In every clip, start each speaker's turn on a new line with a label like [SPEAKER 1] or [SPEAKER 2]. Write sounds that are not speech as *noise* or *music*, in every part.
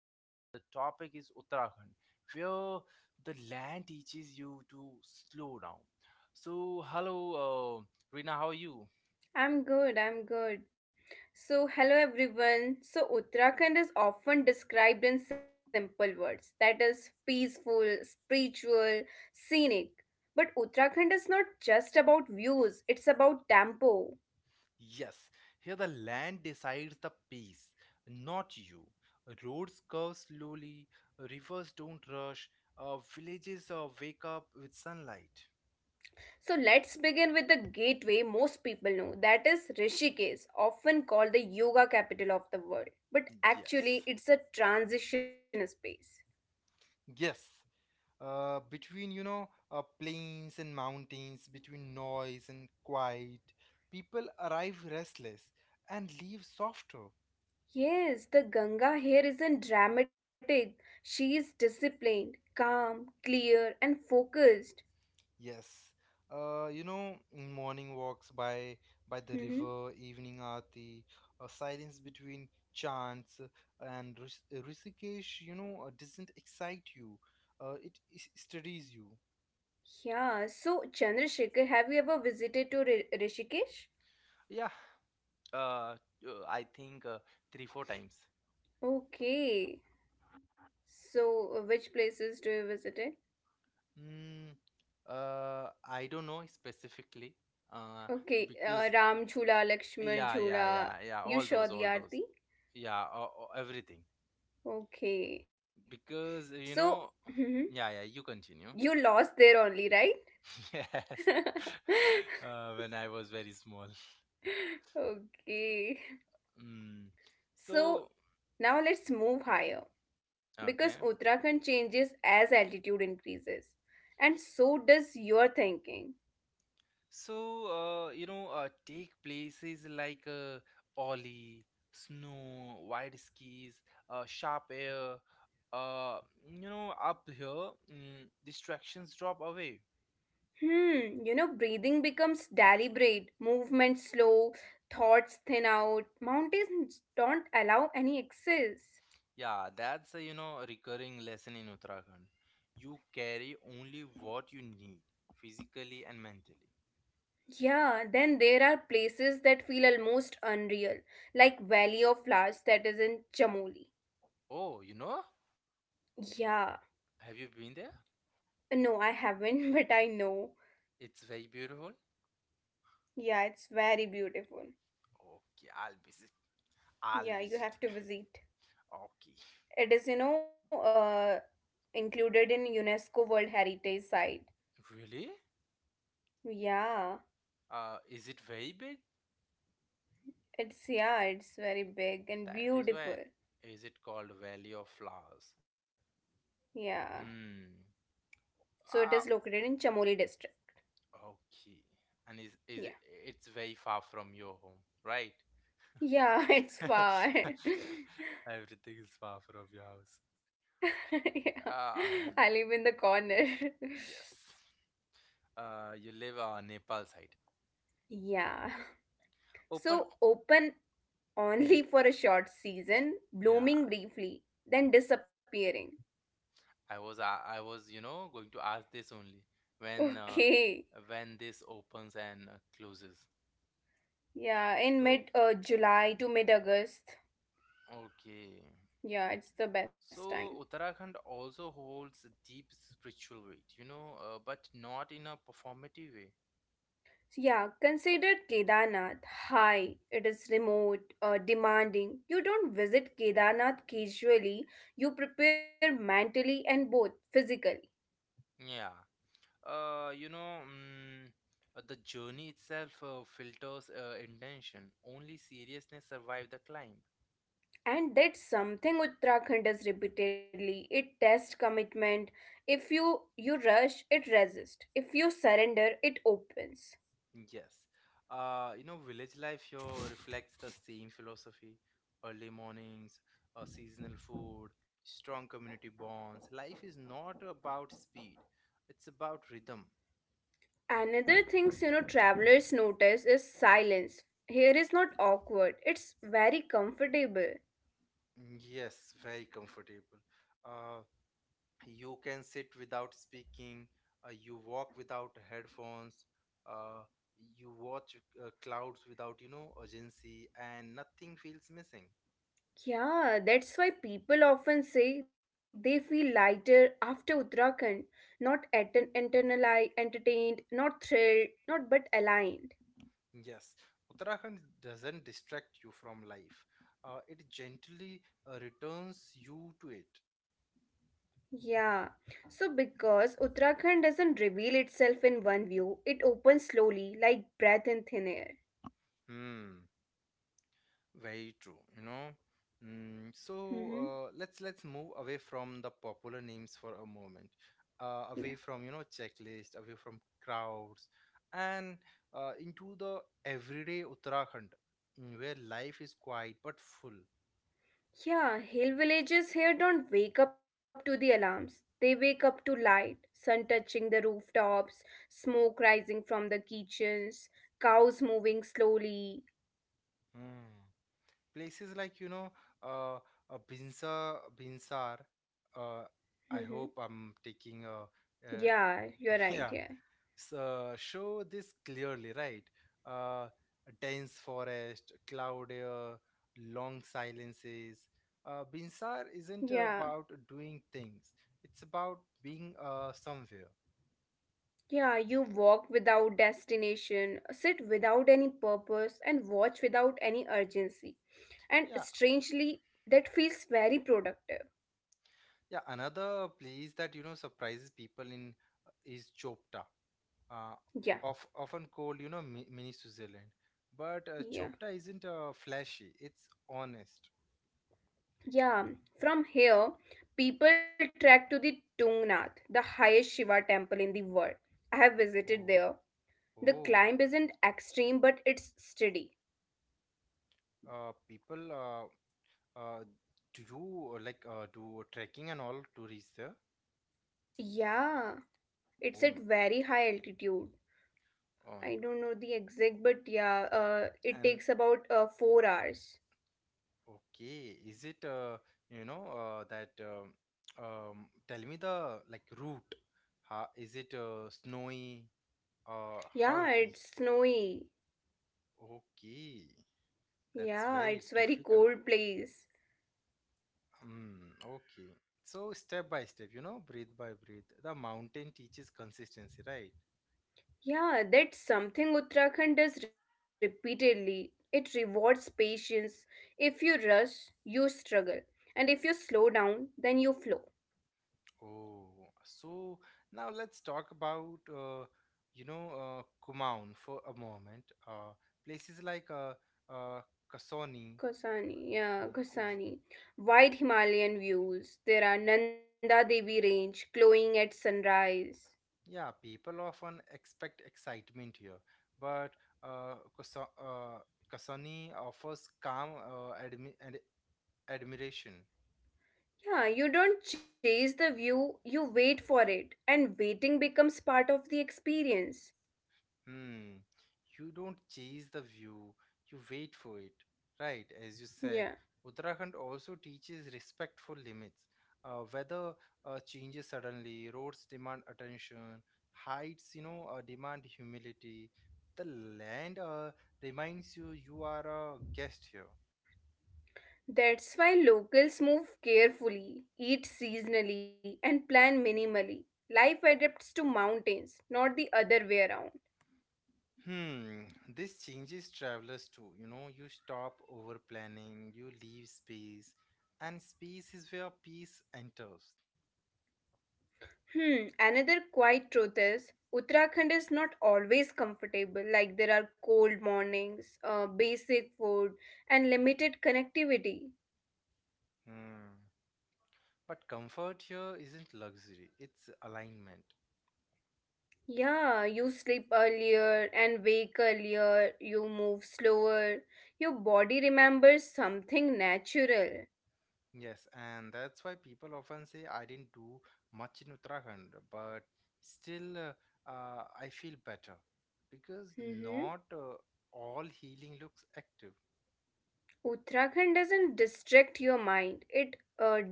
[SPEAKER 1] and the topic is Uttarakhand, where the land teaches you to slow down. So, hello, uh, Rina, how are you?
[SPEAKER 2] I'm good. I'm good. So, hello everyone. So, Uttarakhand is often described in simple words, that is, peaceful, spiritual, scenic. But Uttarakhand is not just about views, it's about tempo.
[SPEAKER 1] Yes, here the land decides the pace, not you. Roads curve slowly, rivers don't rush, villages wake up with sunlight.
[SPEAKER 2] So, let's begin with the gateway most people know, that is Rishikesh, often called the yoga capital of the world. But actually,
[SPEAKER 1] Yes,
[SPEAKER 2] it's a transition space.
[SPEAKER 1] yes. Between plains and mountains, between noise and quiet, people arrive restless and leave softer.
[SPEAKER 2] Yes, the Ganga here isn't dramatic. She is disciplined, calm, clear, and focused.
[SPEAKER 1] Yes. You know, morning walks by the
[SPEAKER 2] hmm
[SPEAKER 1] river, evening aarti, a silence between chants. And Rishikesh you know doesn't excite you. It steadies you.
[SPEAKER 2] Yeah, so Chandrasekhar, have you ever visited to Rishikesh?
[SPEAKER 1] Yeah. Uh, I think three, four times.
[SPEAKER 2] Okay, so which places do you visited?
[SPEAKER 1] Mm, I don't know specifically. uh,
[SPEAKER 2] Okay,
[SPEAKER 1] because
[SPEAKER 2] Ram Jhula, Lakshman
[SPEAKER 1] yeah, yeah,
[SPEAKER 2] Jhula.
[SPEAKER 1] yeah, yeah,
[SPEAKER 2] You saw the
[SPEAKER 1] all those,
[SPEAKER 2] Aarti?
[SPEAKER 1] yeah, everything.
[SPEAKER 2] Okay,
[SPEAKER 1] Because
[SPEAKER 2] so
[SPEAKER 1] you know,
[SPEAKER 2] hmm
[SPEAKER 1] yeah, yeah, you
[SPEAKER 2] you
[SPEAKER 1] continue. *laughs*
[SPEAKER 2] lost there only, right?
[SPEAKER 1] Yes, *laughs* when I was very small.
[SPEAKER 2] *laughs* Okay.
[SPEAKER 1] Mm.
[SPEAKER 2] So
[SPEAKER 1] So
[SPEAKER 2] now let's move higher because
[SPEAKER 1] okay.
[SPEAKER 2] Uttarakhand changes as altitude increases, and so does your thinking.
[SPEAKER 1] So, you know, take places like Ollie, snow, wide skis, sharp air. Uh, you know, up here, distractions drop away.
[SPEAKER 2] Hmm, you know, breathing becomes deliberate, movement slow, thoughts thin out, mountains don't allow any excess.
[SPEAKER 1] Yeah, that's a you know recurring lesson in Uttarakhand. You carry only what you need, physically and mentally.
[SPEAKER 2] Yeah, then there are places that feel almost unreal, like Valley of Flowers, that is in Chamoli.
[SPEAKER 1] Oh, you know,
[SPEAKER 2] Yeah,
[SPEAKER 1] have you been there?
[SPEAKER 2] no, I haven't, *laughs* but I know.
[SPEAKER 1] It's very beautiful.
[SPEAKER 2] Yeah, it's very beautiful.
[SPEAKER 1] Okay, I'll visit. I'll visit.
[SPEAKER 2] Yeah, you
[SPEAKER 1] *laughs*
[SPEAKER 2] have to visit.
[SPEAKER 1] Okay.
[SPEAKER 2] It is, included in UNESCO World Heritage Site.
[SPEAKER 1] Really?
[SPEAKER 2] Yeah,
[SPEAKER 1] Is it very big?
[SPEAKER 2] yeah, it's very big and
[SPEAKER 1] That is why
[SPEAKER 2] beautiful.
[SPEAKER 1] is it called Valley of Flowers?
[SPEAKER 2] Yeah.
[SPEAKER 1] Hmm.
[SPEAKER 2] So it is
[SPEAKER 1] Ah,
[SPEAKER 2] located in Chamoli district.
[SPEAKER 1] okay. And is
[SPEAKER 2] Yeah.
[SPEAKER 1] is it, it's very far from your home, right?
[SPEAKER 2] Yeah, *laughs* it's far.
[SPEAKER 1] *laughs*
[SPEAKER 2] *laughs*
[SPEAKER 1] Everything is far from your house.
[SPEAKER 2] Yeah.
[SPEAKER 1] Ah,
[SPEAKER 2] I live in the corner. *laughs*
[SPEAKER 1] *clears throat* yes. You live on Nepal side.
[SPEAKER 2] Yeah.
[SPEAKER 1] Open.
[SPEAKER 2] So open
[SPEAKER 1] Mm,
[SPEAKER 2] only for a short season, blooming
[SPEAKER 1] yeah,
[SPEAKER 2] briefly, then disappearing.
[SPEAKER 1] I was you know going to ask this only
[SPEAKER 2] *laughs*
[SPEAKER 1] when uh,
[SPEAKER 2] Okay.
[SPEAKER 1] when this opens and closes.
[SPEAKER 2] Yeah, in
[SPEAKER 1] So
[SPEAKER 2] mid July to mid August.
[SPEAKER 1] okay.
[SPEAKER 2] Yeah, it's the best time.
[SPEAKER 1] So Uttarakhand also holds a deep spiritual weight, you know, but not in a performative way.
[SPEAKER 2] So yeah, consider Kedarnath high. It is remote, demanding. You don't visit Kedarnath casually, you prepare mentally and both physically.
[SPEAKER 1] Yeah. You know, the journey itself filters intention. Only seriousness survive the climb.
[SPEAKER 2] And that's something Uttarakhand does repeatedly. It tests commitment. If you rush, it resists. If you surrender, it opens.
[SPEAKER 1] Yes. You know, village life here reflects the same philosophy. Early mornings, seasonal food, strong community bonds. Life is not about speed; it's about rhythm.
[SPEAKER 2] Another things, you know, travelers notice is silence. Here is not awkward. It's very comfortable.
[SPEAKER 1] Yes, very comfortable. Uh, you can sit without speaking, you walk without headphones, uh, you watch clouds without, you know, urgency, and nothing feels missing.
[SPEAKER 2] Yeah, that's why people often say they feel lighter after Uttarakhand, not at an internalized, entertained, not thrilled, not but aligned.
[SPEAKER 1] Yes, Uttarakhand doesn't distract you from life, it gently returns you to it.
[SPEAKER 2] Yeah. So because Uttarakhand doesn't reveal itself in one view, it opens slowly like breath in thin air.
[SPEAKER 1] Hmm. Very true, you know. So
[SPEAKER 2] Mhm.
[SPEAKER 1] let's move away from the popular names for a moment, away from you know checklist, away from crowds, and into the everyday Uttarakhand, where life is quiet but full.
[SPEAKER 2] Yeah, hill villages here don't wake up to the alarms. They wake up to light, sun touching the rooftops, smoke rising from the kitchens, cows moving slowly.
[SPEAKER 1] Hmm. Places like you know, uh, uh, Binsar. Uh,
[SPEAKER 2] hmm
[SPEAKER 1] I hope I'm taking a
[SPEAKER 2] Yeah, you're
[SPEAKER 1] *laughs*
[SPEAKER 2] right.
[SPEAKER 1] yeah,
[SPEAKER 2] Yeah.
[SPEAKER 1] show this clearly, right? Uh, a dense forest, cloud air, long silences. Binsar isn't
[SPEAKER 2] Yeah.
[SPEAKER 1] about doing things; it's about being somewhere.
[SPEAKER 2] Yeah, you walk without destination, sit without any purpose, and watch without any urgency. And
[SPEAKER 1] Yeah,
[SPEAKER 2] strangely, that feels very productive.
[SPEAKER 1] yeah. Another place that you know surprises people in is Chopta, uh,
[SPEAKER 2] Yeah.
[SPEAKER 1] often called mini Switzerland. But
[SPEAKER 2] Yeah.
[SPEAKER 1] Chopta isn't flashy; it's honest.
[SPEAKER 2] Yeah, from here, people trek to the Tungnath, the highest Shiva temple in the world. I have visited
[SPEAKER 1] Oh,
[SPEAKER 2] there. The
[SPEAKER 1] oh.
[SPEAKER 2] climb isn't extreme, but it's steady.
[SPEAKER 1] People Uh, do you like do trekking and all to reach there?
[SPEAKER 2] Yeah, it's at
[SPEAKER 1] Oh my,
[SPEAKER 2] very high altitude.
[SPEAKER 1] oh my
[SPEAKER 2] I don't know the exact, but yeah,
[SPEAKER 1] God.
[SPEAKER 2] it
[SPEAKER 1] And
[SPEAKER 2] takes about 4 hours.
[SPEAKER 1] okay, is it you know that tell me the like route. How, is it snowy? How
[SPEAKER 2] Yeah,
[SPEAKER 1] it is?
[SPEAKER 2] it's snowy.
[SPEAKER 1] Okay, that's
[SPEAKER 2] Yeah,
[SPEAKER 1] very
[SPEAKER 2] it's very
[SPEAKER 1] difficult.
[SPEAKER 2] cold place.
[SPEAKER 1] Hmm, okay. So step by step, you know, breathe by breathe. The mountain teaches consistency, right?
[SPEAKER 2] Yeah, that's something Uttarakhand does repeatedly. It rewards patience. If you rush, you struggle. And if you slow down, then you flow.
[SPEAKER 1] Oh, so now let's talk about, you know, Kumaon for a moment. Places like uh, Kasoni, yeah,
[SPEAKER 2] Kasani. Wide Himalayan views. There are Nanda Devi Range glowing at sunrise.
[SPEAKER 1] yeah, people often expect excitement here, but uh, Kaso- uh, Kasoni offers calm admiration.
[SPEAKER 2] Yeah, you don't chase the view, you wait for it. And waiting becomes part of the experience.
[SPEAKER 1] Hmm. You don't chase the view, you wait for it. Right, as you said,
[SPEAKER 2] Yeah.
[SPEAKER 1] Uttarakhand also teaches respect for limits. Weather changes suddenly, roads demand attention, heights, you know, demand humility. The land reminds you you are a guest here.
[SPEAKER 2] That's why locals move carefully, eat seasonally, and plan minimally. Life adapts to mountains, not the other way around.
[SPEAKER 1] Hmm, this changes travelers too. You know, you stop over planning, you leave space, and space is where peace enters.
[SPEAKER 2] Hmm, another quiet truth is Uttarakhand is not always comfortable, like there are cold mornings, basic food, and limited connectivity.
[SPEAKER 1] Hmm. But comfort here isn't luxury, it's alignment.
[SPEAKER 2] Yeah, you sleep earlier and wake earlier, you move slower, your body remembers something natural.
[SPEAKER 1] Yes, and that's why people often say I didn't do much in Uttarakhand, but still I feel better because
[SPEAKER 2] Mm-hmm.
[SPEAKER 1] not all healing looks active.
[SPEAKER 2] Uttarakhand doesn't distract your mind, it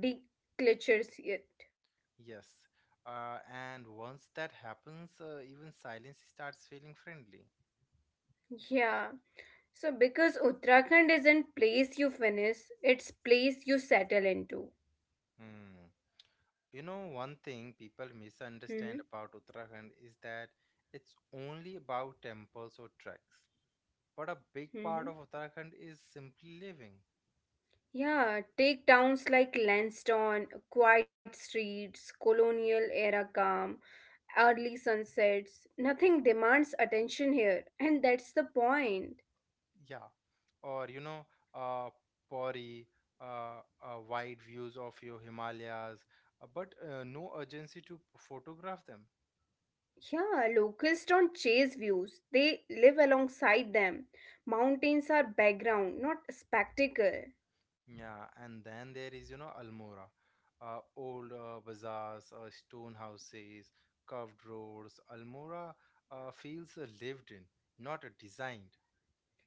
[SPEAKER 2] declutters it.
[SPEAKER 1] Yes, and once that happens, even silence starts feeling friendly.
[SPEAKER 2] Yeah. So because Uttarakhand isn't place you finish, it's place you settle into.
[SPEAKER 1] Hmm. You know, one thing people
[SPEAKER 2] hmm
[SPEAKER 1] misunderstand about Uttarakhand is that it's only about temples or treks but a big
[SPEAKER 2] hmm
[SPEAKER 1] part of Uttarakhand is simply living.
[SPEAKER 2] Yeah, take towns like Lansdowne, quiet streets, colonial era calm, early sunsets. Nothing demands attention here, and that's the point.
[SPEAKER 1] Yeah. Or, you know, uh, Pori, wide views of your Himalayas, but no urgency to photograph them.
[SPEAKER 2] Yeah, locals don't chase views, they live alongside them. Mountains are background, not spectacle.
[SPEAKER 1] Yeah. And then there is, you know, Almora, old bazaars, stone houses, curved roads. Almora feels lived in, not designed.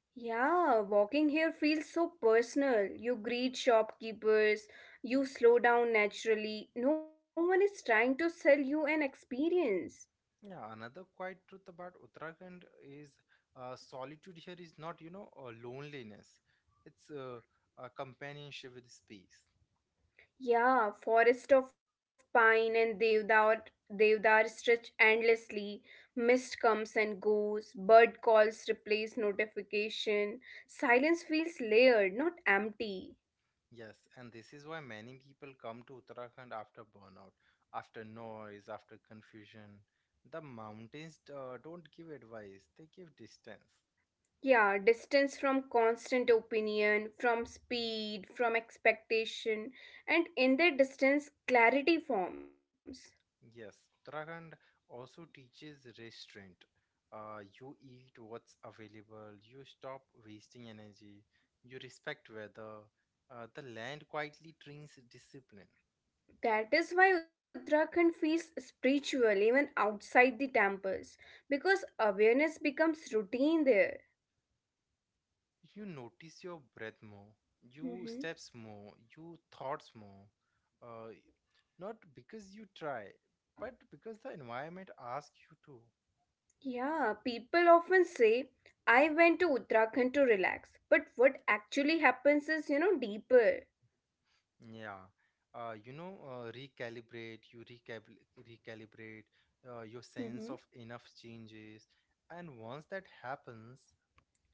[SPEAKER 2] Yeah, walking here feels so personal. You greet shopkeepers, you slow down naturally. No one is trying to sell you an experience.
[SPEAKER 1] Yeah, another quiet truth about Uttarakhand is solitude here is not, you know, loneliness. It's a companionship with space.
[SPEAKER 2] Yeah, forest of pine and deodar, stretch endlessly. Mist comes and goes. Bird calls replace notification. Silence feels layered, not empty.
[SPEAKER 1] Yes, and this is why many people come to Uttarakhand after burnout, after noise, after confusion. The mountains don't give advice, they give distance.
[SPEAKER 2] Yeah, distance from constant opinion, from speed, from expectation, and in that distance, clarity forms.
[SPEAKER 1] Yes, Uttarakhand also teaches restraint. You eat what's available, you stop wasting energy, you respect weather. The land quietly trains discipline.
[SPEAKER 2] That is why Uttarakhand feels spiritual even outside the temples because awareness becomes routine there.
[SPEAKER 1] You notice your breath more, you
[SPEAKER 2] Mm-hmm.
[SPEAKER 1] steps more, you thoughts more. Uh, Not because you try, but because the environment asks you to.
[SPEAKER 2] Yeah, people often say, I went to Uttarakhand to relax. But what actually happens is, you know, deeper.
[SPEAKER 1] Yeah, you know, recalibrate, recalibrate, your
[SPEAKER 2] Mhm.
[SPEAKER 1] sense of enough changes. And once that happens,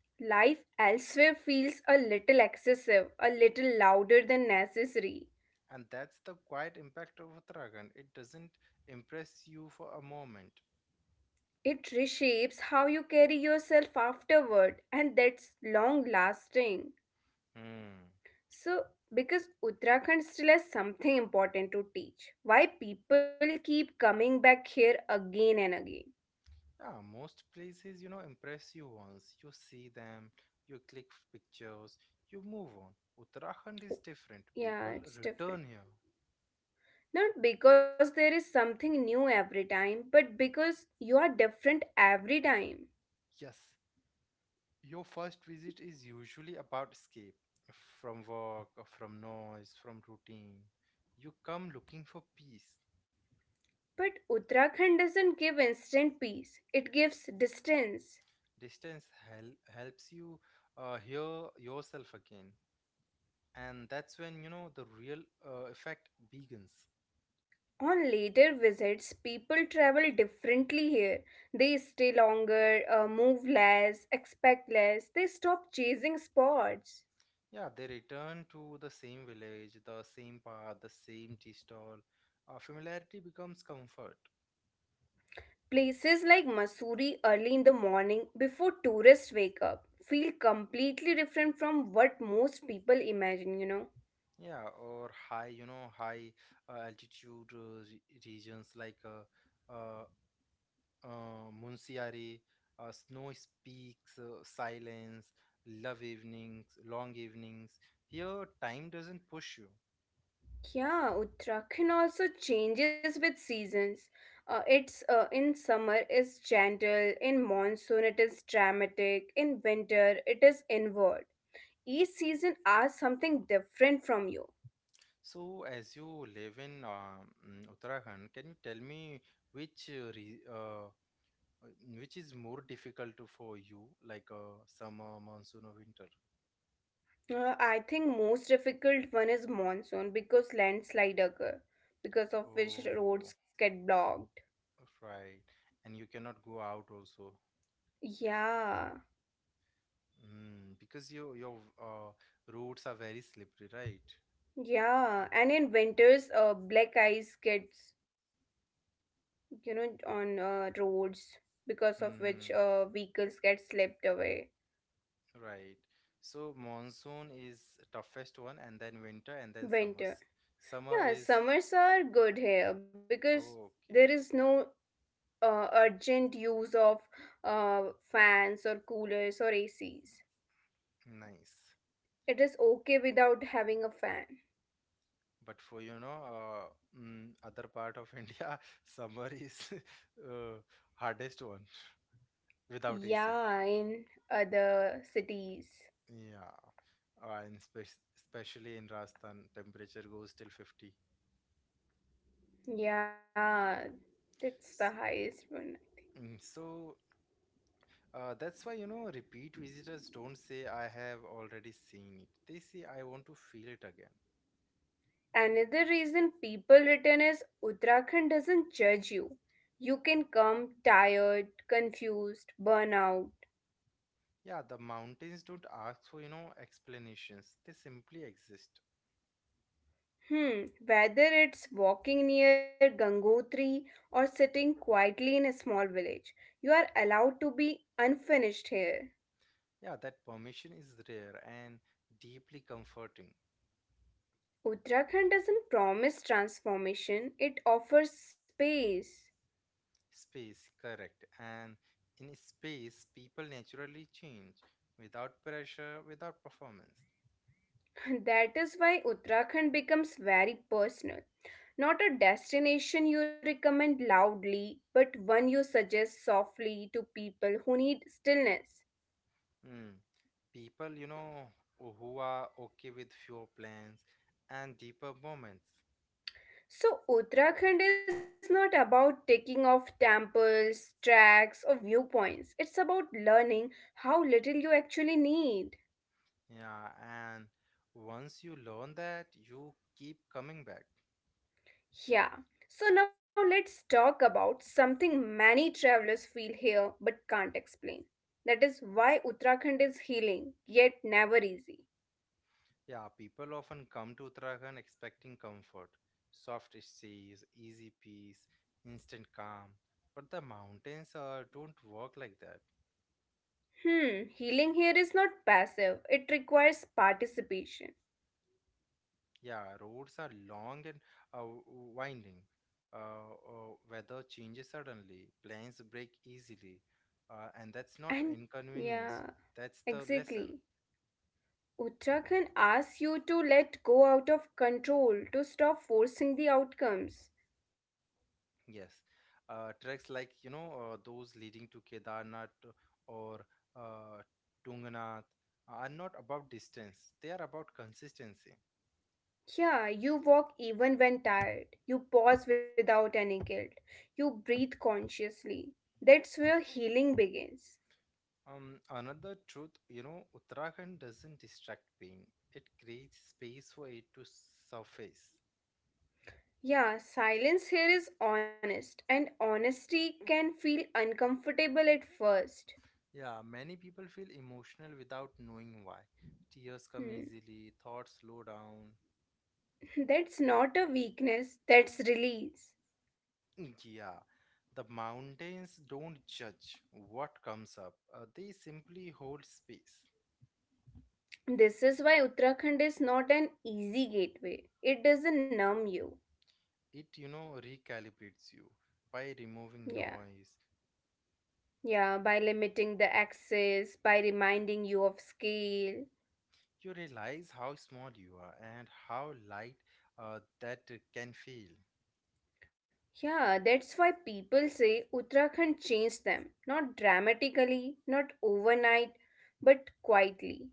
[SPEAKER 2] Life elsewhere feels a little excessive, a little louder than necessary.
[SPEAKER 1] and that's the quiet impact of Uttarakhand, it doesn't impress you for a moment.
[SPEAKER 2] It reshapes how you carry yourself afterward, and that's long lasting.
[SPEAKER 1] Hmm.
[SPEAKER 2] So, because Uttarakhand still has something important to teach, why people keep coming back here again and again.
[SPEAKER 1] Yeah, most places, you know, impress you once. You see them, pictures, you move on. Uttarakhand is different. People
[SPEAKER 2] Yeah, it's
[SPEAKER 1] return here.
[SPEAKER 2] different. Not because there is something new every time, but because you are different every time.
[SPEAKER 1] Yes, your first visit is usually about escape from work, or from noise, from routine. You come looking for peace.
[SPEAKER 2] But Uttarakhand doesn't give instant peace, it gives distance.
[SPEAKER 1] Helps you hear yourself again. And that's when, you know, the real effect begins.
[SPEAKER 2] On later visits, people travel differently here. They stay longer, move less, expect less, they stop chasing spots.
[SPEAKER 1] Yeah, they return to the same village, the same path, the same tea stall. Familiarity becomes comfort.
[SPEAKER 2] Places like Masuri early in the morning before tourists wake up feel completely different from what most people imagine, you know.
[SPEAKER 1] Yeah, or high, you know, high uh, altitude uh, re- regions like Munsiari, Snow Speaks, Silence, Love Evenings, Long Evenings. Here, time doesn't push you.
[SPEAKER 2] Yeah, Uttarakhand also changes with seasons. It's In summer is gentle, in monsoon it is dramatic, in winter it is inward. Each season asks something different from you.
[SPEAKER 1] So, as you live in Uttarakhand, can you tell me which which is more difficult for you, like summer, monsoon, or winter?
[SPEAKER 2] I think most difficult one is monsoon because landslide occur, because of which roads
[SPEAKER 1] Oh,
[SPEAKER 2] get blocked.
[SPEAKER 1] right. And you cannot go out also.
[SPEAKER 2] Yeah,
[SPEAKER 1] Because your roads are very slippery, right?
[SPEAKER 2] yeah, and in winters, black ice gets, you know, on roads because of
[SPEAKER 1] Hmm.
[SPEAKER 2] which
[SPEAKER 1] Hmm.
[SPEAKER 2] vehicles get slipped away.
[SPEAKER 1] Right. So monsoon is toughest one, and then winter, and then
[SPEAKER 2] Winter,
[SPEAKER 1] summers. Summer
[SPEAKER 2] yeah,
[SPEAKER 1] is
[SPEAKER 2] summers are good here because
[SPEAKER 1] oh,
[SPEAKER 2] there
[SPEAKER 1] okay,
[SPEAKER 2] is no urgent use of uh, fans or coolers or acs.
[SPEAKER 1] nice.
[SPEAKER 2] It is okay without having a fan.
[SPEAKER 1] But for you know, other part of *laughs* India, summer is *laughs* uh, hardest one *laughs* without AC.
[SPEAKER 2] Yeah, in other cities.
[SPEAKER 1] Yeah, uh, and spe- especially in Rajasthan, temperature goes till 50.
[SPEAKER 2] Yeah, that's the
[SPEAKER 1] S-
[SPEAKER 2] highest one.
[SPEAKER 1] So that's why you know, repeat visitors don't say I have already seen it. They say I want to feel it again.
[SPEAKER 2] Another reason people return is Uttarakhand doesn't judge you. You can come tired, confused, burnout.
[SPEAKER 1] Yeah, the mountains don't ask for, you know, explanations. They simply exist.
[SPEAKER 2] Hmm, whether it's walking near Gangotri or sitting quietly in a small village, you are allowed to be unfinished here.
[SPEAKER 1] Yeah, that permission is rare and deeply comforting.
[SPEAKER 2] Uttarakhand doesn't promise transformation, it offers space.
[SPEAKER 1] Space, correct. And in space, people naturally change without pressure, without performance.
[SPEAKER 2] That is why Uttarakhand becomes very personal. Not a destination you recommend loudly, but one you suggest softly to people who need stillness.
[SPEAKER 1] Hmm. People, you know, who are okay with fewer plans and deeper moments.
[SPEAKER 2] So, Uttarakhand is not about taking off temples, tracks, or viewpoints. It's about learning how little you actually need.
[SPEAKER 1] Yeah, and once you learn that, you keep coming back.
[SPEAKER 2] Yeah. So now let's talk about something many travelers feel here but can't explain. That is why Uttarakhand is healing, yet never easy.
[SPEAKER 1] Yeah, people often come to Uttarakhand expecting comfort, soft seas, easy peace, instant calm. But the mountains don't work like that.
[SPEAKER 2] Hmm, healing here is not passive, it requires participation.
[SPEAKER 1] Yeah, roads are long and uh, winding. Weather changes suddenly, planes break easily. And that's not
[SPEAKER 2] And yeah,
[SPEAKER 1] inconvenience, that's the lesson.
[SPEAKER 2] exactly. Uttarakhand asks you to let go out of control, to stop forcing the outcomes.
[SPEAKER 1] Yes, treks like you know those leading to Kedarnath or uh, Tunganath are not about distance; they are about consistency.
[SPEAKER 2] Yeah, you walk even when tired. You pause without any guilt. You breathe consciously. That's where healing begins.
[SPEAKER 1] Another truth, you know, Uttarakhand doesn't distract pain; it creates space for it to surface.
[SPEAKER 2] Yeah, silence here is honest, and honesty can feel uncomfortable at first.
[SPEAKER 1] Yeah, many people feel emotional without knowing why. Tears come
[SPEAKER 2] Hmm.
[SPEAKER 1] easily, thoughts slow down.
[SPEAKER 2] *laughs* That's not a weakness, that's release.
[SPEAKER 1] Yeah, the mountains don't judge what comes up. They simply hold space.
[SPEAKER 2] This is why Uttarakhand is not an easy gateway. It doesn't numb you.
[SPEAKER 1] It, you know, recalibrates you by removing
[SPEAKER 2] Yeah.
[SPEAKER 1] noise.
[SPEAKER 2] Yeah, by limiting the access, by reminding you of scale.
[SPEAKER 1] You realize how small you are and how light that can feel.
[SPEAKER 2] Yeah, that's why people say Uttarakhand changed them, not dramatically, not overnight, but quietly.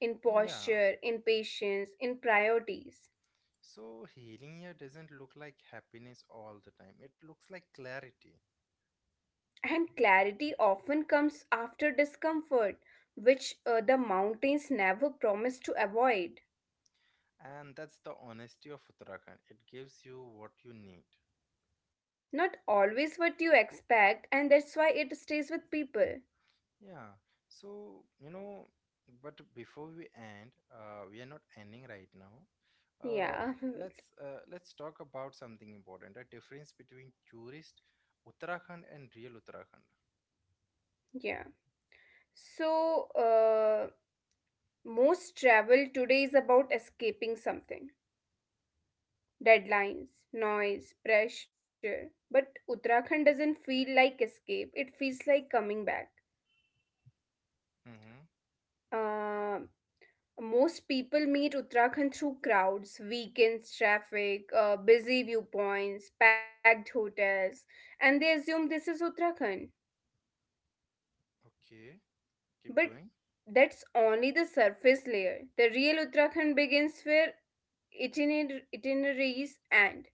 [SPEAKER 2] In
[SPEAKER 1] Yeah,
[SPEAKER 2] posture, in patience, in priorities.
[SPEAKER 1] so healing here doesn't look like happiness all the time. It looks like clarity.
[SPEAKER 2] And clarity often comes after discomfort, which the mountains never promise to avoid.
[SPEAKER 1] And that's the honesty of Uttarakhand. It gives you what you need.
[SPEAKER 2] Not always what you expect, and that's why it stays with people.
[SPEAKER 1] Yeah. So, you know, but before we end, we are not ending right now. Uh,
[SPEAKER 2] Yeah,
[SPEAKER 1] let's let's talk about something important, the difference between tourist Uttarakhand and real Uttarakhand.
[SPEAKER 2] *laughs* yeah. So, most travel today is about escaping something. Deadlines, noise, pressure. But Uttarakhand doesn't feel like escape, it feels like coming back.
[SPEAKER 1] Mm-hmm.
[SPEAKER 2] Um, most people meet Uttarakhand through crowds, weekends, traffic, busy viewpoints, packed hotels, and they assume this is Uttarakhand.
[SPEAKER 1] Okay. Keep
[SPEAKER 2] But
[SPEAKER 1] going.
[SPEAKER 2] that's only the surface layer. The real Uttarakhand begins where itineraries end.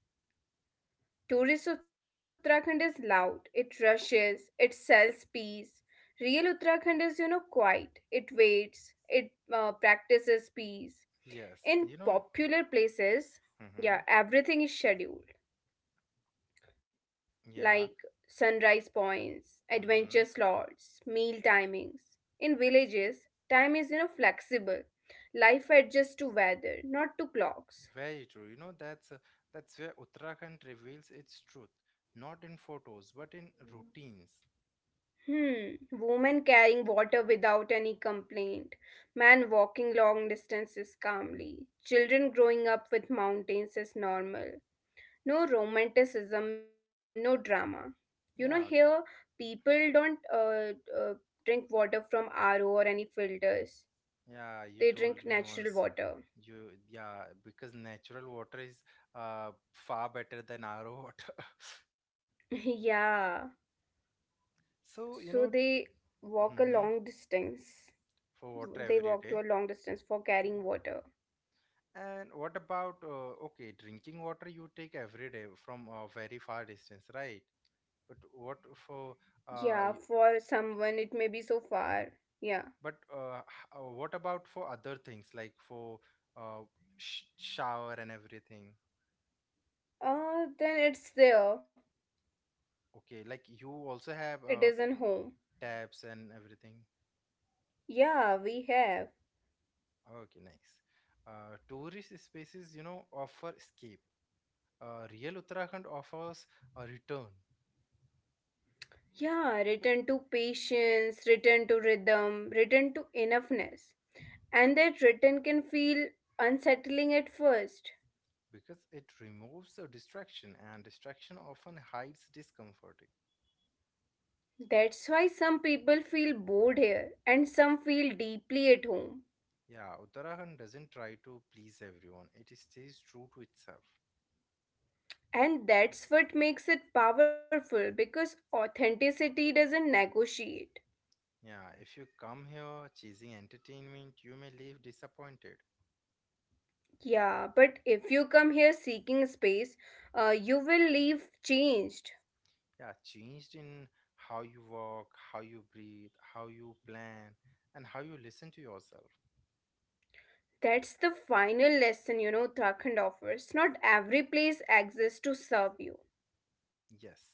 [SPEAKER 2] Tourist Uttarakhand is loud, it rushes, it sells peace. Real Uttarakhand is, you know, quiet, it waits, it practices peace.
[SPEAKER 1] Yes. You
[SPEAKER 2] In
[SPEAKER 1] know,
[SPEAKER 2] popular places,
[SPEAKER 1] mm-hmm.
[SPEAKER 2] yeah, everything is scheduled,
[SPEAKER 1] Yeah.
[SPEAKER 2] like sunrise points,
[SPEAKER 1] Mm-hmm.
[SPEAKER 2] adventure slots, meal timings. In villages, time is, you know, flexible. Life adjusts to weather, not to clocks.
[SPEAKER 1] Very true. You know, that's where Uttarakhand reveals its truth, not in photos, but in routines.
[SPEAKER 2] Hmm, woman carrying water without any complaint, man walking long distances calmly, children growing up with mountains is normal. No romanticism, no drama. You know, here
[SPEAKER 1] Yeah,
[SPEAKER 2] people don't drink water from RO or any filters,
[SPEAKER 1] Yeah, you
[SPEAKER 2] they
[SPEAKER 1] told
[SPEAKER 2] drink
[SPEAKER 1] me
[SPEAKER 2] natural
[SPEAKER 1] once.
[SPEAKER 2] water.
[SPEAKER 1] You, yeah, because natural water is far better than our water. *laughs*
[SPEAKER 2] *laughs* Yeah,
[SPEAKER 1] So, you
[SPEAKER 2] so
[SPEAKER 1] know,
[SPEAKER 2] they walk a
[SPEAKER 1] hmm
[SPEAKER 2] long distance.
[SPEAKER 1] for water every
[SPEAKER 2] They
[SPEAKER 1] day.
[SPEAKER 2] walk to a long distance for carrying water.
[SPEAKER 1] And what about, okay, drinking water you take every day from a very far distance, right? But what for,
[SPEAKER 2] Yeah,
[SPEAKER 1] uh,
[SPEAKER 2] for
[SPEAKER 1] y-
[SPEAKER 2] someone it may be so far. Yeah.
[SPEAKER 1] but what about for other things like for uh, sh shower and everything?
[SPEAKER 2] Then it's there.
[SPEAKER 1] Okay, like you also have
[SPEAKER 2] It is in home.
[SPEAKER 1] taps and everything.
[SPEAKER 2] Yeah, we have.
[SPEAKER 1] Okay, nice. Tourist spaces, you know, offer escape. Real Uttarakhand offers a return
[SPEAKER 2] Yeah, return to patience, return to rhythm, return to enoughness. And that return can feel unsettling at first.
[SPEAKER 1] because it removes the distraction, and distraction often hides discomfort.
[SPEAKER 2] That's why some people feel bored here and some feel deeply at home.
[SPEAKER 1] Yeah, Uttarakhand doesn't try to please everyone, it stays true to itself.
[SPEAKER 2] And that's what makes it powerful because authenticity doesn't negotiate.
[SPEAKER 1] Yeah, if you come here chasing entertainment, you may leave disappointed.
[SPEAKER 2] Yeah, but if you come here seeking space, you will leave changed.
[SPEAKER 1] Yeah, changed in how you walk, how you breathe, how you plan, and how you listen to yourself.
[SPEAKER 2] That's the final lesson, you know, Uttarakhand offers. Not every place exists to serve you.
[SPEAKER 1] Yes.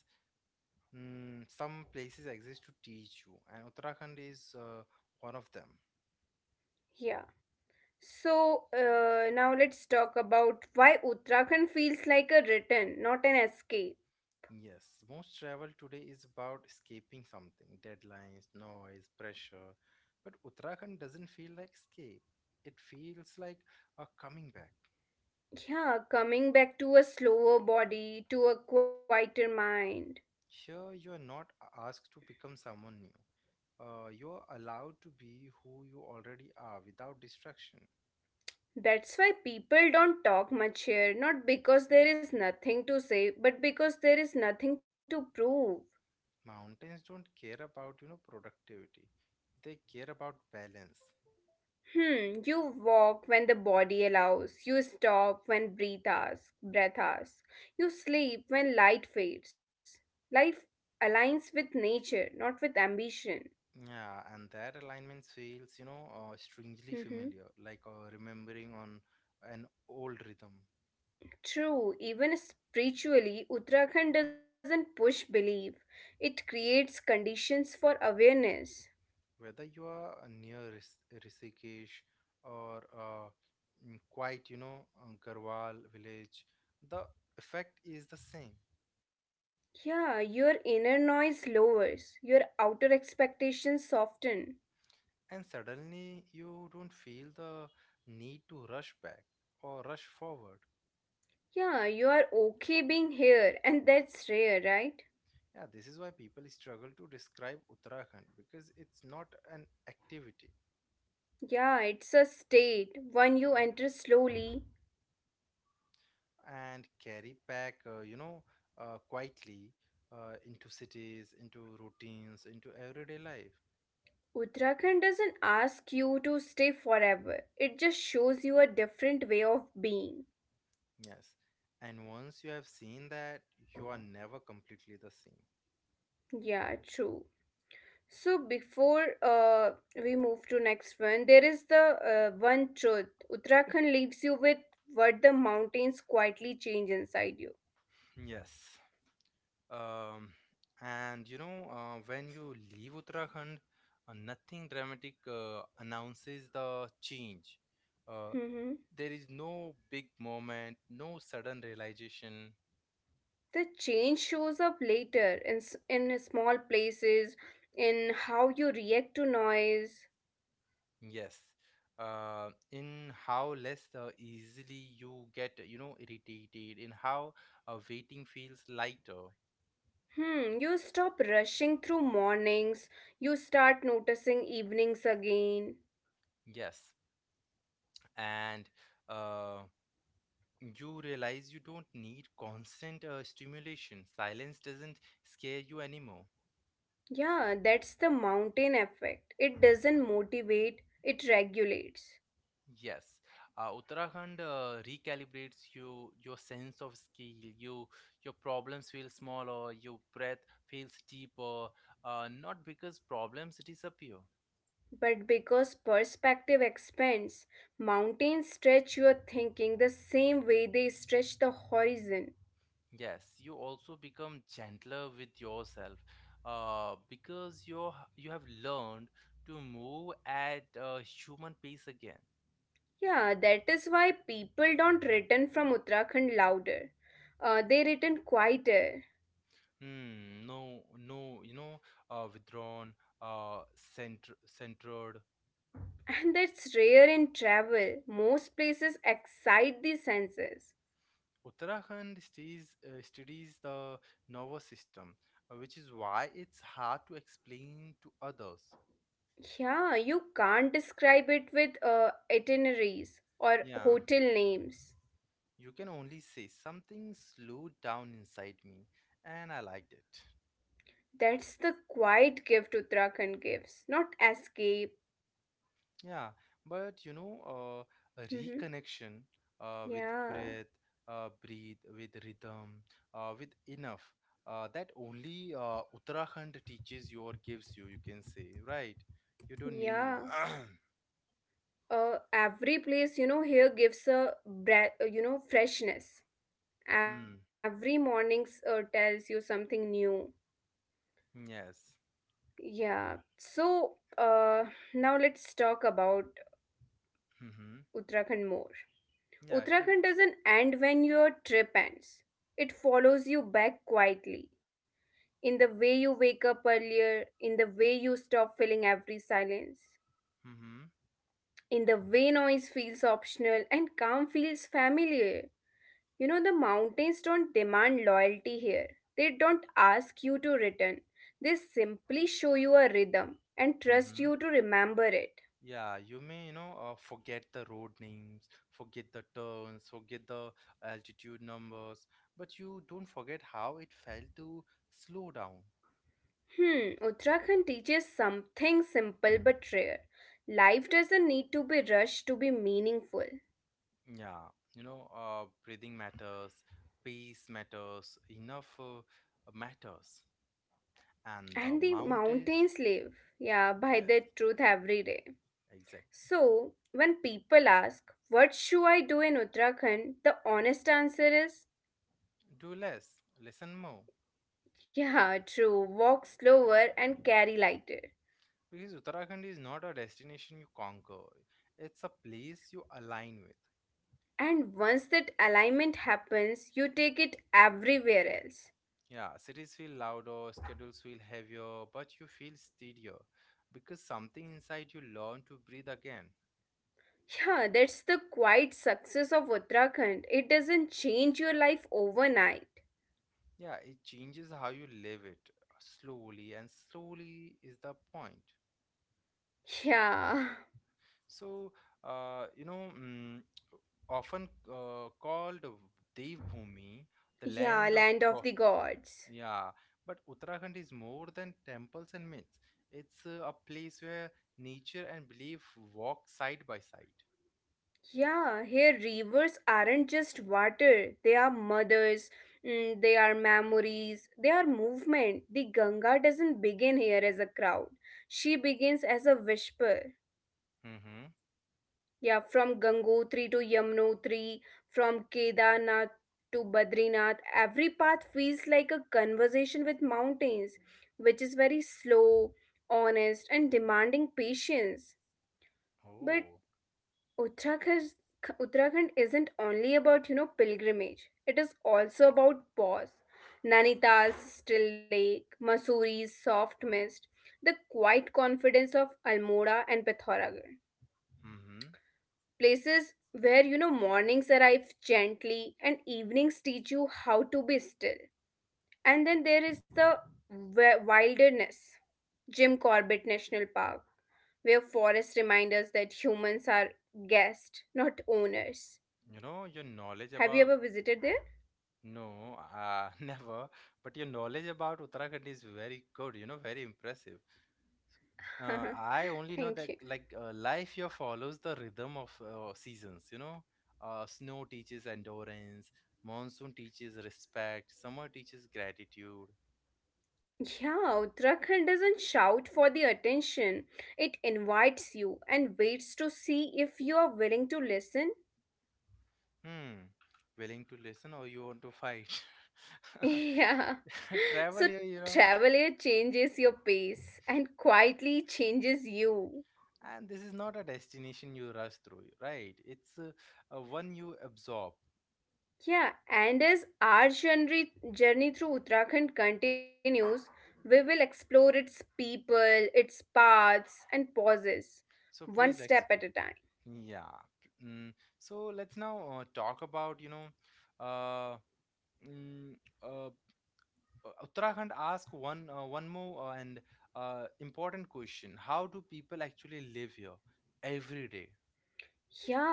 [SPEAKER 1] Mm, some places exist to teach you, and Uttarakhand is one of them.
[SPEAKER 2] Yeah. So now let's talk about why Uttarakhand feels like a return, not an escape.
[SPEAKER 1] Yes, most travel today is about escaping something deadlines, noise, pressure. But Uttarakhand doesn't feel like escape, it feels like a coming back.
[SPEAKER 2] Yeah, coming back to a slower body, to a quieter mind.
[SPEAKER 1] Here, you are not asked to become someone new, you're allowed to be who you already are without distraction.
[SPEAKER 2] That's why people don't talk much here, not because there is nothing to say, but because there is nothing to prove.
[SPEAKER 1] Mountains don't care about you know productivity; they care about balance.
[SPEAKER 2] Hmm, you walk when the body allows. You stop when breath asks. You sleep when light fades. Life aligns with nature, not with ambition.
[SPEAKER 1] Yeah, and that alignment feels, you know, strangely
[SPEAKER 2] Mhm.
[SPEAKER 1] familiar, like remembering on an old rhythm.
[SPEAKER 2] True, even spiritually, Uttarakhand doesn't push belief. It creates conditions for awareness.
[SPEAKER 1] Whether you are near Rishikesh or quite, you know, Garhwal village, the effect is the same.
[SPEAKER 2] Yeah, your inner noise lowers, your outer expectations soften.
[SPEAKER 1] And suddenly you don't feel the need to rush back or rush forward.
[SPEAKER 2] Yeah, you are okay being here, and that's rare, right?
[SPEAKER 1] Yeah, this is why people struggle to describe Uttarakhand because it's not an activity
[SPEAKER 2] Yeah, it's a state when you enter slowly.
[SPEAKER 1] and carry back, you know, quietly into cities, into routines, into everyday life.
[SPEAKER 2] Uttarakhand doesn't ask you to stay forever. It just shows you a different way of being.
[SPEAKER 1] Yes. And once you have seen that, you are never completely the same.
[SPEAKER 2] Yeah, true. So before we move to next one, there is the one truth. Uttarakhand leaves you with what the mountains quietly change inside you.
[SPEAKER 1] *clears throat* Yes. Um, and you know, when you leave Uttarakhand, nothing dramatic announces the change. Uh,
[SPEAKER 2] Hmm,
[SPEAKER 1] there is no big moment, no sudden realization,
[SPEAKER 2] the change shows up later in in small places, in how you react to noise.
[SPEAKER 1] Yes. In how less easily you get, you know, irritated, in how waiting feels lighter.
[SPEAKER 2] Hmm, you stop rushing through mornings, you start noticing evenings again.
[SPEAKER 1] Yes. And uh, you realize you don't need constant stimulation. Silence doesn't scare you anymore.
[SPEAKER 2] Yeah, that's the mountain effect. It doesn't motivate, it regulates.
[SPEAKER 1] Yes. Uttarakhand recalibrates you, your sense of scale. Your problems feel smaller. Your breath feels deeper. Not because problems disappear.
[SPEAKER 2] But because perspective expands, mountains stretch your thinking the same way they stretch the horizon.
[SPEAKER 1] Yes, you also become gentler with yourself because you have learned to move at a human pace again.
[SPEAKER 2] Yeah, that is why people don't return from Uttarakhand louder. They return quieter.
[SPEAKER 1] Hmm, no, no, you know, withdrawn, uh, centered.
[SPEAKER 2] And that's rare in travel. Most places excite the senses.
[SPEAKER 1] Uttarakhand studies the nervous system, which is why it's hard to explain to others.
[SPEAKER 2] Yeah, you can't describe it with itineraries or
[SPEAKER 1] Yeah,
[SPEAKER 2] hotel names.
[SPEAKER 1] you can only say something slowed down inside me, and I liked it.
[SPEAKER 2] That's the quiet gift Uttarakhand gives, not escape.
[SPEAKER 1] Yeah, but you know, a
[SPEAKER 2] Mhm.
[SPEAKER 1] reconnection with
[SPEAKER 2] Yeah,
[SPEAKER 1] breath, breathe with rhythm, with enough that only Uttarakhand teaches you or gives you, you can say, right? You don't need.
[SPEAKER 2] yeah. Every place you know here gives a breath, you know, freshness.
[SPEAKER 1] *clears throat* Hmm.
[SPEAKER 2] Every morning's tells you something new.
[SPEAKER 1] Yes.
[SPEAKER 2] Yeah. So, now let's talk about
[SPEAKER 1] Mm-hmm.
[SPEAKER 2] Uttarakhand more.
[SPEAKER 1] Yeah. Keep.
[SPEAKER 2] Uttarakhand doesn't end when your trip ends. It follows you back quietly. In the way you wake up earlier, in the way you stop filling every silence,
[SPEAKER 1] Mm-hmm.
[SPEAKER 2] in the way noise feels optional and calm feels familiar. You know, the mountains don't demand loyalty here. They don't ask you to return. They simply show you a rhythm and trust
[SPEAKER 1] Mm-hmm.
[SPEAKER 2] you to remember it.
[SPEAKER 1] Yeah, you may, you know, forget the road names, forget the turns, forget the altitude numbers, but you don't forget how it felt to slow down.
[SPEAKER 2] Hmm, Uttarakhand teaches something simple but rare. Life doesn't need to be rushed to be meaningful.
[SPEAKER 1] Yeah, you know, breathing matters, pace matters, enough matters, and the
[SPEAKER 2] And the
[SPEAKER 1] amount is
[SPEAKER 2] mountains live, yeah, by
[SPEAKER 1] yes,
[SPEAKER 2] their truth every day.
[SPEAKER 1] exactly.
[SPEAKER 2] So, when people ask, "What should I do in Uttarakhand?" the honest answer is,
[SPEAKER 1] Do less, listen more,
[SPEAKER 2] yeah, true, walk slower and carry lighter.
[SPEAKER 1] because Uttarakhand is not a destination you conquer; it's a place you align with.
[SPEAKER 2] And once that alignment happens, you take it everywhere else.
[SPEAKER 1] Yeah, cities feel louder, schedules feel heavier, but you feel steadier because something inside you learn to breathe again.
[SPEAKER 2] Yeah, that's the quiet success of Uttarakhand. It doesn't change your life overnight.
[SPEAKER 1] Yeah, it changes how you live it slowly, and slowly is the point.
[SPEAKER 2] Yeah,
[SPEAKER 1] So, you know, mm, often called Devbhumi, the
[SPEAKER 2] yeah,
[SPEAKER 1] land of
[SPEAKER 2] land of
[SPEAKER 1] God.
[SPEAKER 2] the gods.
[SPEAKER 1] Yeah, but Uttarakhand is more than temples and myths. It's a place where nature and belief walk side by side.
[SPEAKER 2] Yeah, here rivers aren't just water, they are mothers, mm, they are memories, they are movement. The Ganga doesn't begin here as a crowd, she begins as a whisper.
[SPEAKER 1] Mm-hmm.
[SPEAKER 2] Yeah, from Gangotri to Yamunotri, from Kedarnath to Badrinath, every path feels like a conversation with mountains, which is very slow, honest, and demanding patience. But
[SPEAKER 1] Oh.
[SPEAKER 2] Uttarakhand, Uttarakhand isn't only about, you know, pilgrimage. It is also about pause. Nainital's still lake, Mussoorie soft mist, the quiet confidence of Almora and Pithoragarh.
[SPEAKER 1] Mm-hmm.
[SPEAKER 2] Places where you know mornings arrive gently and evenings teach you how to be still. And then there is the wilderness, Jim Corbett National Park, where forests remind us that humans are guests, not owners.
[SPEAKER 1] You know, your knowledge
[SPEAKER 2] Have you
[SPEAKER 1] about
[SPEAKER 2] ever visited there?
[SPEAKER 1] no, *laughs* never. But your knowledge about Uttarakhand is very good. You know, very impressive.
[SPEAKER 2] *laughs*
[SPEAKER 1] I only know that
[SPEAKER 2] Thank you.
[SPEAKER 1] like life here follows the rhythm of seasons, you know. Snow teaches endurance, monsoon teaches respect, summer teaches gratitude.
[SPEAKER 2] Yeah, Uttarakhand doesn't shout for the attention, it invites you and waits to see if you are willing to listen.
[SPEAKER 1] Hmm. Willing to listen or you want to fight?
[SPEAKER 2] *laughs* Yeah.
[SPEAKER 1] *laughs* Travel
[SPEAKER 2] So
[SPEAKER 1] here, you know.
[SPEAKER 2] traveler changes your pace and quietly changes you.
[SPEAKER 1] And this is not a destination you rush through, right? It's one you absorb.
[SPEAKER 2] Yeah, and as our journey through Uttarakhand continues, we will explore its people, its paths, and pauses,
[SPEAKER 1] So
[SPEAKER 2] one
[SPEAKER 1] please,
[SPEAKER 2] step
[SPEAKER 1] ex-
[SPEAKER 2] at a time.
[SPEAKER 1] yeah. Mm, so let's now talk about, you know, uh, Mm, uh, uh, Uttarakhand ask one more and important question: how do people actually live here every day?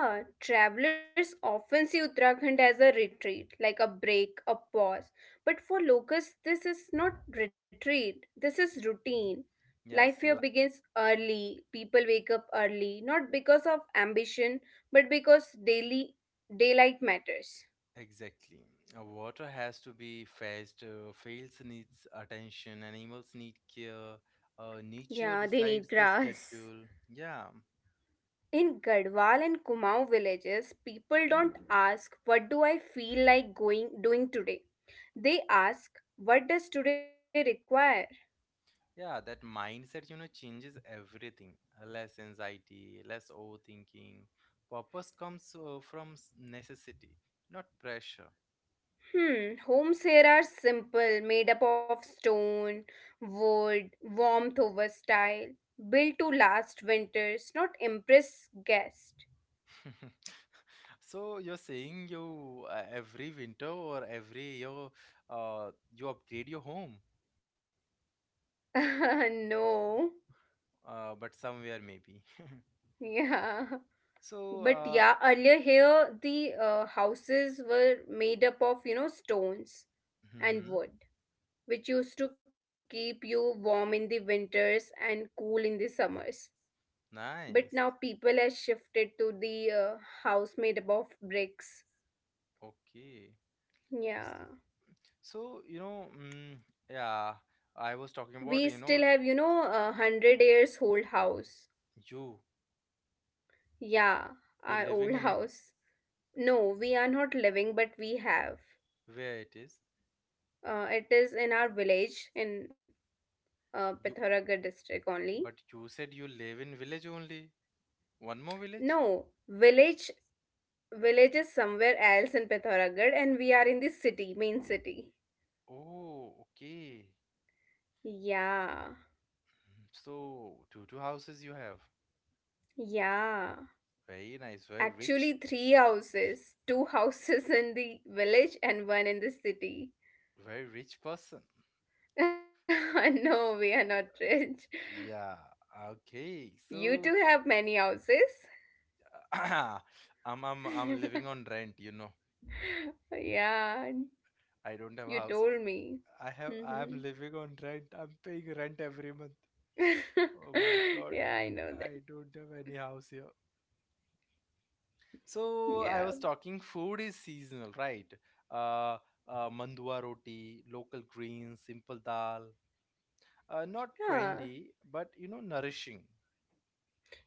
[SPEAKER 2] Yeah, travelers often see Uttarakhand as a retreat, like a break, a pause. But for locals, this is not retreat, this is routine. Life
[SPEAKER 1] Yes,
[SPEAKER 2] here
[SPEAKER 1] la-
[SPEAKER 2] begins early, people wake up early, not because of ambition, but because daily daylight matters.
[SPEAKER 1] exactly. Water has to be fetched. Fields needs attention. Animals need care.
[SPEAKER 2] Yeah,
[SPEAKER 1] Nature
[SPEAKER 2] they need
[SPEAKER 1] decides the
[SPEAKER 2] grass.
[SPEAKER 1] schedule. Yeah,
[SPEAKER 2] In Gadwal and Kumaon villages, people don't ask, "What do I feel like going doing today?" They ask, "What does today require?"
[SPEAKER 1] yeah. That mindset, you know, changes everything. Less anxiety, less overthinking. Purpose comes from necessity, not pressure.
[SPEAKER 2] Hmm, homes here are simple, made up of stone, wood, warmth over style, built to last winters, not impress guests.
[SPEAKER 1] *laughs* So you're saying you every winter or every year you upgrade your home,
[SPEAKER 2] *laughs* No,
[SPEAKER 1] but somewhere maybe. *laughs*
[SPEAKER 2] yeah.
[SPEAKER 1] So
[SPEAKER 2] But yeah, earlier here the houses were made up of, you know, stones
[SPEAKER 1] hmm
[SPEAKER 2] and wood, which used to keep you warm in the winters and cool in the summers. But
[SPEAKER 1] nice.
[SPEAKER 2] now people have shifted to the house made up of bricks.
[SPEAKER 1] Okay. So,
[SPEAKER 2] Yeah.
[SPEAKER 1] so you know, mm, yeah, I was talking about
[SPEAKER 2] We
[SPEAKER 1] you know
[SPEAKER 2] still have, you know, 100 years old house.
[SPEAKER 1] you
[SPEAKER 2] Yeah,
[SPEAKER 1] you're
[SPEAKER 2] our
[SPEAKER 1] living
[SPEAKER 2] old *laughs*
[SPEAKER 1] in it
[SPEAKER 2] house. No, we are not living, but we have.
[SPEAKER 1] where it is.
[SPEAKER 2] It is in our village in
[SPEAKER 1] You
[SPEAKER 2] Pithoragarh district only.
[SPEAKER 1] but you said you live in village only. One more village?
[SPEAKER 2] No, village is somewhere else in Pithoragarh, and we are in the city, main city.
[SPEAKER 1] Oh, okay.
[SPEAKER 2] Yeah,
[SPEAKER 1] So two houses you have.
[SPEAKER 2] yeah.
[SPEAKER 1] Very nice,
[SPEAKER 2] Actually, three houses, two *laughs* houses in the village and one in the city.
[SPEAKER 1] very rich person.
[SPEAKER 2] *laughs* No, we are not rich.
[SPEAKER 1] Yeah, okay.
[SPEAKER 2] You
[SPEAKER 1] So
[SPEAKER 2] too have many houses.
[SPEAKER 1] *coughs* *clears throat* I'm living on rent, you know.
[SPEAKER 2] *laughs* Yeah,
[SPEAKER 1] I don't have
[SPEAKER 2] you
[SPEAKER 1] houses.
[SPEAKER 2] told me.
[SPEAKER 1] I'm
[SPEAKER 2] Hmm.
[SPEAKER 1] living on rent. I'm paying rent every month.
[SPEAKER 2] *laughs*
[SPEAKER 1] Oh my God.
[SPEAKER 2] Yeah, I know that.
[SPEAKER 1] I don't have any house here. So I
[SPEAKER 2] Yeah.
[SPEAKER 1] was talking food is seasonal, right? Uh, Mandua roti, local greens, simple dal. Not
[SPEAKER 2] Yeah.
[SPEAKER 1] trendy, but you know, nourishing.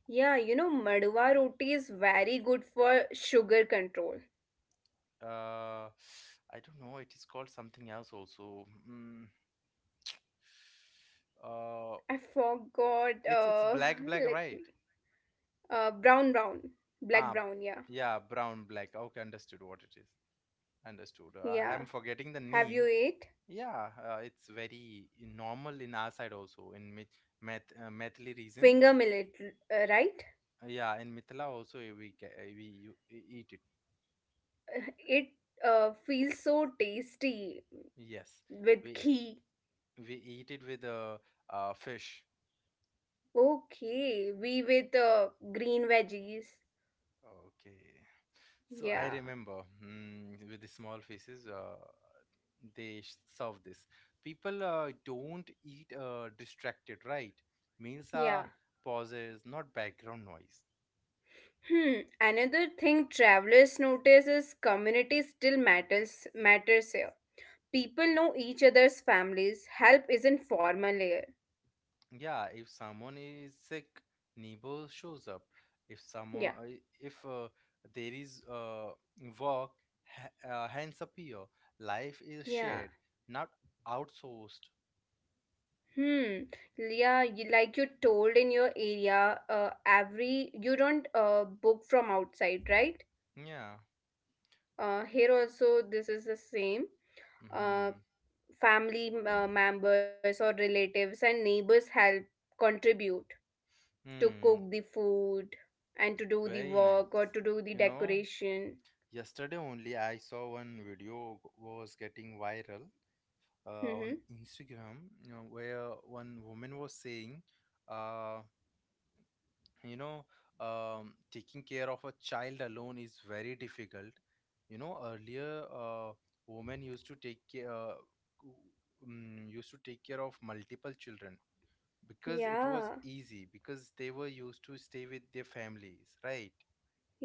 [SPEAKER 2] Yeah, you know, Madhua roti is very good for sugar control.
[SPEAKER 1] Uh I don't know it is called something else also uh
[SPEAKER 2] I forgot.
[SPEAKER 1] it's black
[SPEAKER 2] *laughs*
[SPEAKER 1] black,
[SPEAKER 2] Let
[SPEAKER 1] right?
[SPEAKER 2] me. Brown, brown.
[SPEAKER 1] Ah,
[SPEAKER 2] Black brown, yeah.
[SPEAKER 1] yeah, brown black, okay, understood what it is, understood. I'm
[SPEAKER 2] Yeah.
[SPEAKER 1] forgetting the
[SPEAKER 2] Have
[SPEAKER 1] name.
[SPEAKER 2] you ate?
[SPEAKER 1] Yeah, it's very normal in our side also in methili region.
[SPEAKER 2] Finger millet, right?
[SPEAKER 1] Yeah, in mithila also we eat it.
[SPEAKER 2] It feels so tasty
[SPEAKER 1] Yes,
[SPEAKER 2] with
[SPEAKER 1] we
[SPEAKER 2] ghee.
[SPEAKER 1] we eat it with fish.
[SPEAKER 2] Okay, we with green veggies.
[SPEAKER 1] Okay. So I
[SPEAKER 2] Yeah,
[SPEAKER 1] remember mm, with the small faces, they serve this. People don't eat distracted, right? Meals
[SPEAKER 2] yeah.
[SPEAKER 1] are pauses, not background noise.
[SPEAKER 2] Hmm. Another thing travelers notice is community still matters here. People know each other's families. Help isn't formal here.
[SPEAKER 1] Yeah, if someone is sick, neighbor shows up. If
[SPEAKER 2] Yeah,
[SPEAKER 1] someone, if there is work, hands appear. Life is
[SPEAKER 2] yeah.
[SPEAKER 1] shared, not outsourced.
[SPEAKER 2] Hmm. Yeah, you, like you told in your area, every you don't book from outside, right?
[SPEAKER 1] Yeah.
[SPEAKER 2] Here also this is the same.
[SPEAKER 1] Mm-hmm.
[SPEAKER 2] Uh, family members or relatives and neighbors help contribute to
[SPEAKER 1] Hmm.
[SPEAKER 2] cook the food and to do the
[SPEAKER 1] Very
[SPEAKER 2] work
[SPEAKER 1] nice.
[SPEAKER 2] or to do the
[SPEAKER 1] You know,
[SPEAKER 2] decoration.
[SPEAKER 1] yesterday only I saw one video was getting viral on
[SPEAKER 2] Mm-hmm.
[SPEAKER 1] Instagram, you know, where one woman was saying, uh, you know, taking care of a child alone is very difficult. You know, earlier women used to take care, w- used to take care of multiple children because it was
[SPEAKER 2] Yeah,
[SPEAKER 1] easy because they were used to stay with their families, right?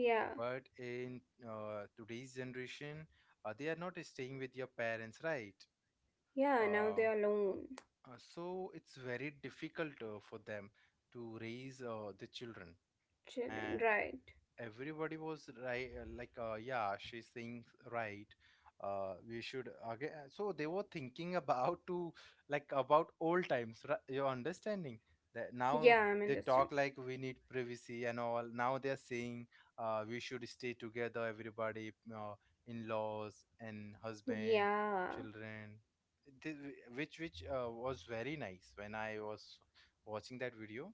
[SPEAKER 2] yeah,
[SPEAKER 1] But in today's generation, they are not staying with your parents, right?
[SPEAKER 2] yeah,
[SPEAKER 1] Uh,
[SPEAKER 2] now they are alone.
[SPEAKER 1] so it's very difficult for them to raise the children.
[SPEAKER 2] Children,
[SPEAKER 1] And
[SPEAKER 2] right.
[SPEAKER 1] everybody was right yeah she's saying right we should again so they were thinking *laughs* about to like about old times, right? You're understanding that
[SPEAKER 2] Yeah,
[SPEAKER 1] now
[SPEAKER 2] I'm
[SPEAKER 1] they
[SPEAKER 2] understanding.
[SPEAKER 1] talk like we need privacy and all now they're saying we should stay together everybody in-laws and husband,
[SPEAKER 2] Yeah.
[SPEAKER 1] children. Th- which was very nice when I was watching that video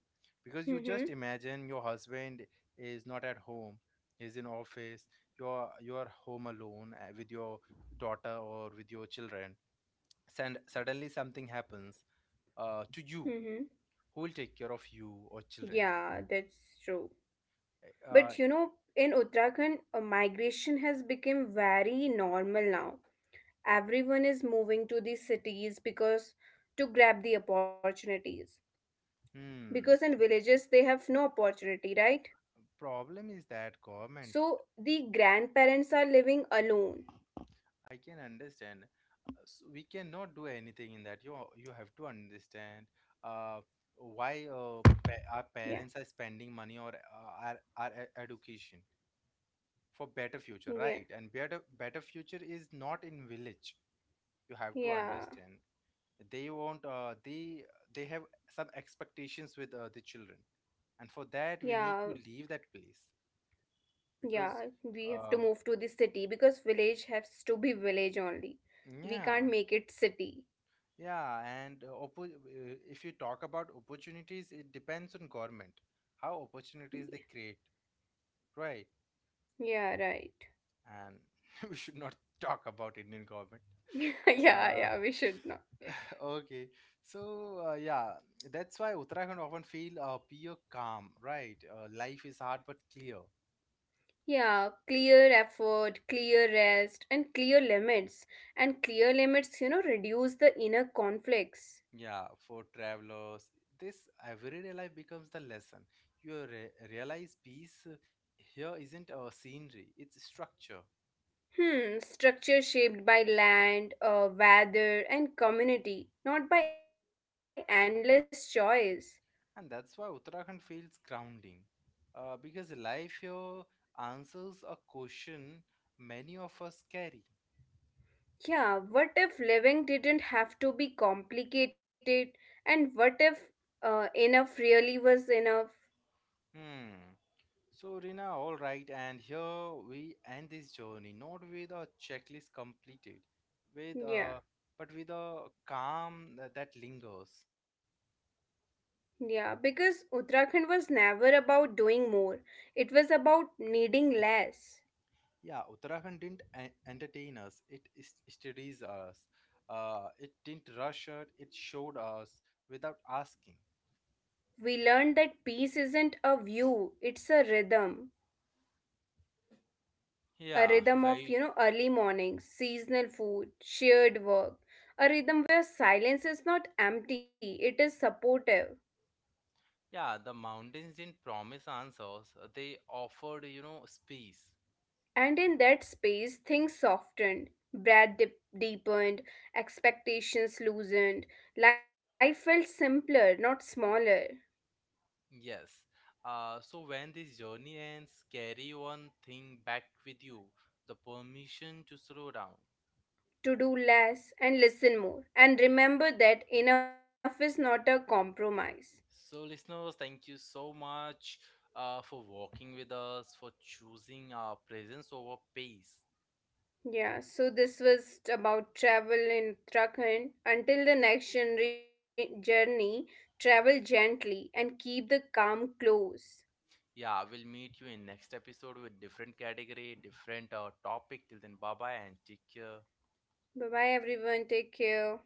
[SPEAKER 1] because you just
[SPEAKER 2] Mm-hmm.
[SPEAKER 1] imagine your husband is not at home, is in office, you're home alone with your daughter or with your children and suddenly something happens to you
[SPEAKER 2] Mm-hmm.
[SPEAKER 1] who will take care of you or children.
[SPEAKER 2] Yeah, that's true.
[SPEAKER 1] Eh, uh,
[SPEAKER 2] But you know, in Uttarakhand, migration has become very normal now. Everyone is moving to these cities because to grab the opportunities, because in
[SPEAKER 1] hmm
[SPEAKER 2] villages they have no opportunity, right?
[SPEAKER 1] problem is that government.
[SPEAKER 2] So the grandparents are living alone.
[SPEAKER 1] I can understand. So we cannot do anything in that, you have to understand uh, why uh, our
[SPEAKER 2] Yeah,
[SPEAKER 1] parents are spending money or our education, for better future
[SPEAKER 2] yeah,
[SPEAKER 1] right and better future is not in village, you have to
[SPEAKER 2] yeah,
[SPEAKER 1] understand. They want they have some expectations with the children and for that we
[SPEAKER 2] yeah,
[SPEAKER 1] need to leave that place because
[SPEAKER 2] yeah, we have
[SPEAKER 1] uh,
[SPEAKER 2] to move to the city because village has to be village only. We can't
[SPEAKER 1] yeah
[SPEAKER 2] make it city.
[SPEAKER 1] yeah. And if you talk about opportunities it depends on government how opportunities they
[SPEAKER 2] Yeah,
[SPEAKER 1] create, right?
[SPEAKER 2] yeah, right.
[SPEAKER 1] And *laughs* we should not talk about Indian government.
[SPEAKER 2] *laughs* Yeah,
[SPEAKER 1] Uh,
[SPEAKER 2] yeah, we should not.
[SPEAKER 1] Okay, so yeah, that's why Uttarakhand often feel pure calm, right? Life is hard but clear.
[SPEAKER 2] Yeah, clear effort, clear rest, and clear limits. And clear limits, you know, reduce the inner conflicts.
[SPEAKER 1] Yeah, for travelers, this everyday life becomes the lesson. You re realize peace here isn't a scenery; it's structure,
[SPEAKER 2] Hmm, structure shaped by land, weather, and community, not by endless choice.
[SPEAKER 1] and that's why Uttarakhand feels grounding, because life here answers a question many of us carry.
[SPEAKER 2] Yeah, what if living didn't have to be complicated? And what if enough really was enough?
[SPEAKER 1] Hmm. So, Rina, all right, and here we end this journey not with a checklist completed, with a
[SPEAKER 2] Yeah,
[SPEAKER 1] but with a calm that, that lingers.
[SPEAKER 2] yeah, because Uttarakhand was never about doing more, it was about needing less.
[SPEAKER 1] Yeah, Uttarakhand didn't entertain us; it studies us. It didn't rush us; it showed us without asking.
[SPEAKER 2] We learned that peace isn't a view, it's a rhythm, a
[SPEAKER 1] Yeah,
[SPEAKER 2] rhythm of,
[SPEAKER 1] very.
[SPEAKER 2] you know, early mornings, seasonal food, shared work, a rhythm where silence is not empty, it is supportive.
[SPEAKER 1] Yeah, the mountains didn't promise answers; they offered, you know, space.
[SPEAKER 2] And in that space things softened, deepened, expectations loosened, life felt simpler, not smaller.
[SPEAKER 1] Yes. So when this journey ends, carry one thing back with you, the permission to slow down.
[SPEAKER 2] To do less and listen more and remember that enough is not a compromise.
[SPEAKER 1] So, listeners, thank you so much for walking with us, for choosing our presence over pace.
[SPEAKER 2] Yeah, so this was about travel in Uttarakhand. Until the next journey, travel gently and keep the calm close.
[SPEAKER 1] Yeah, we'll meet you in next episode with different category, different topic. Till then, bye bye and take care.
[SPEAKER 2] Bye bye, everyone. Take care.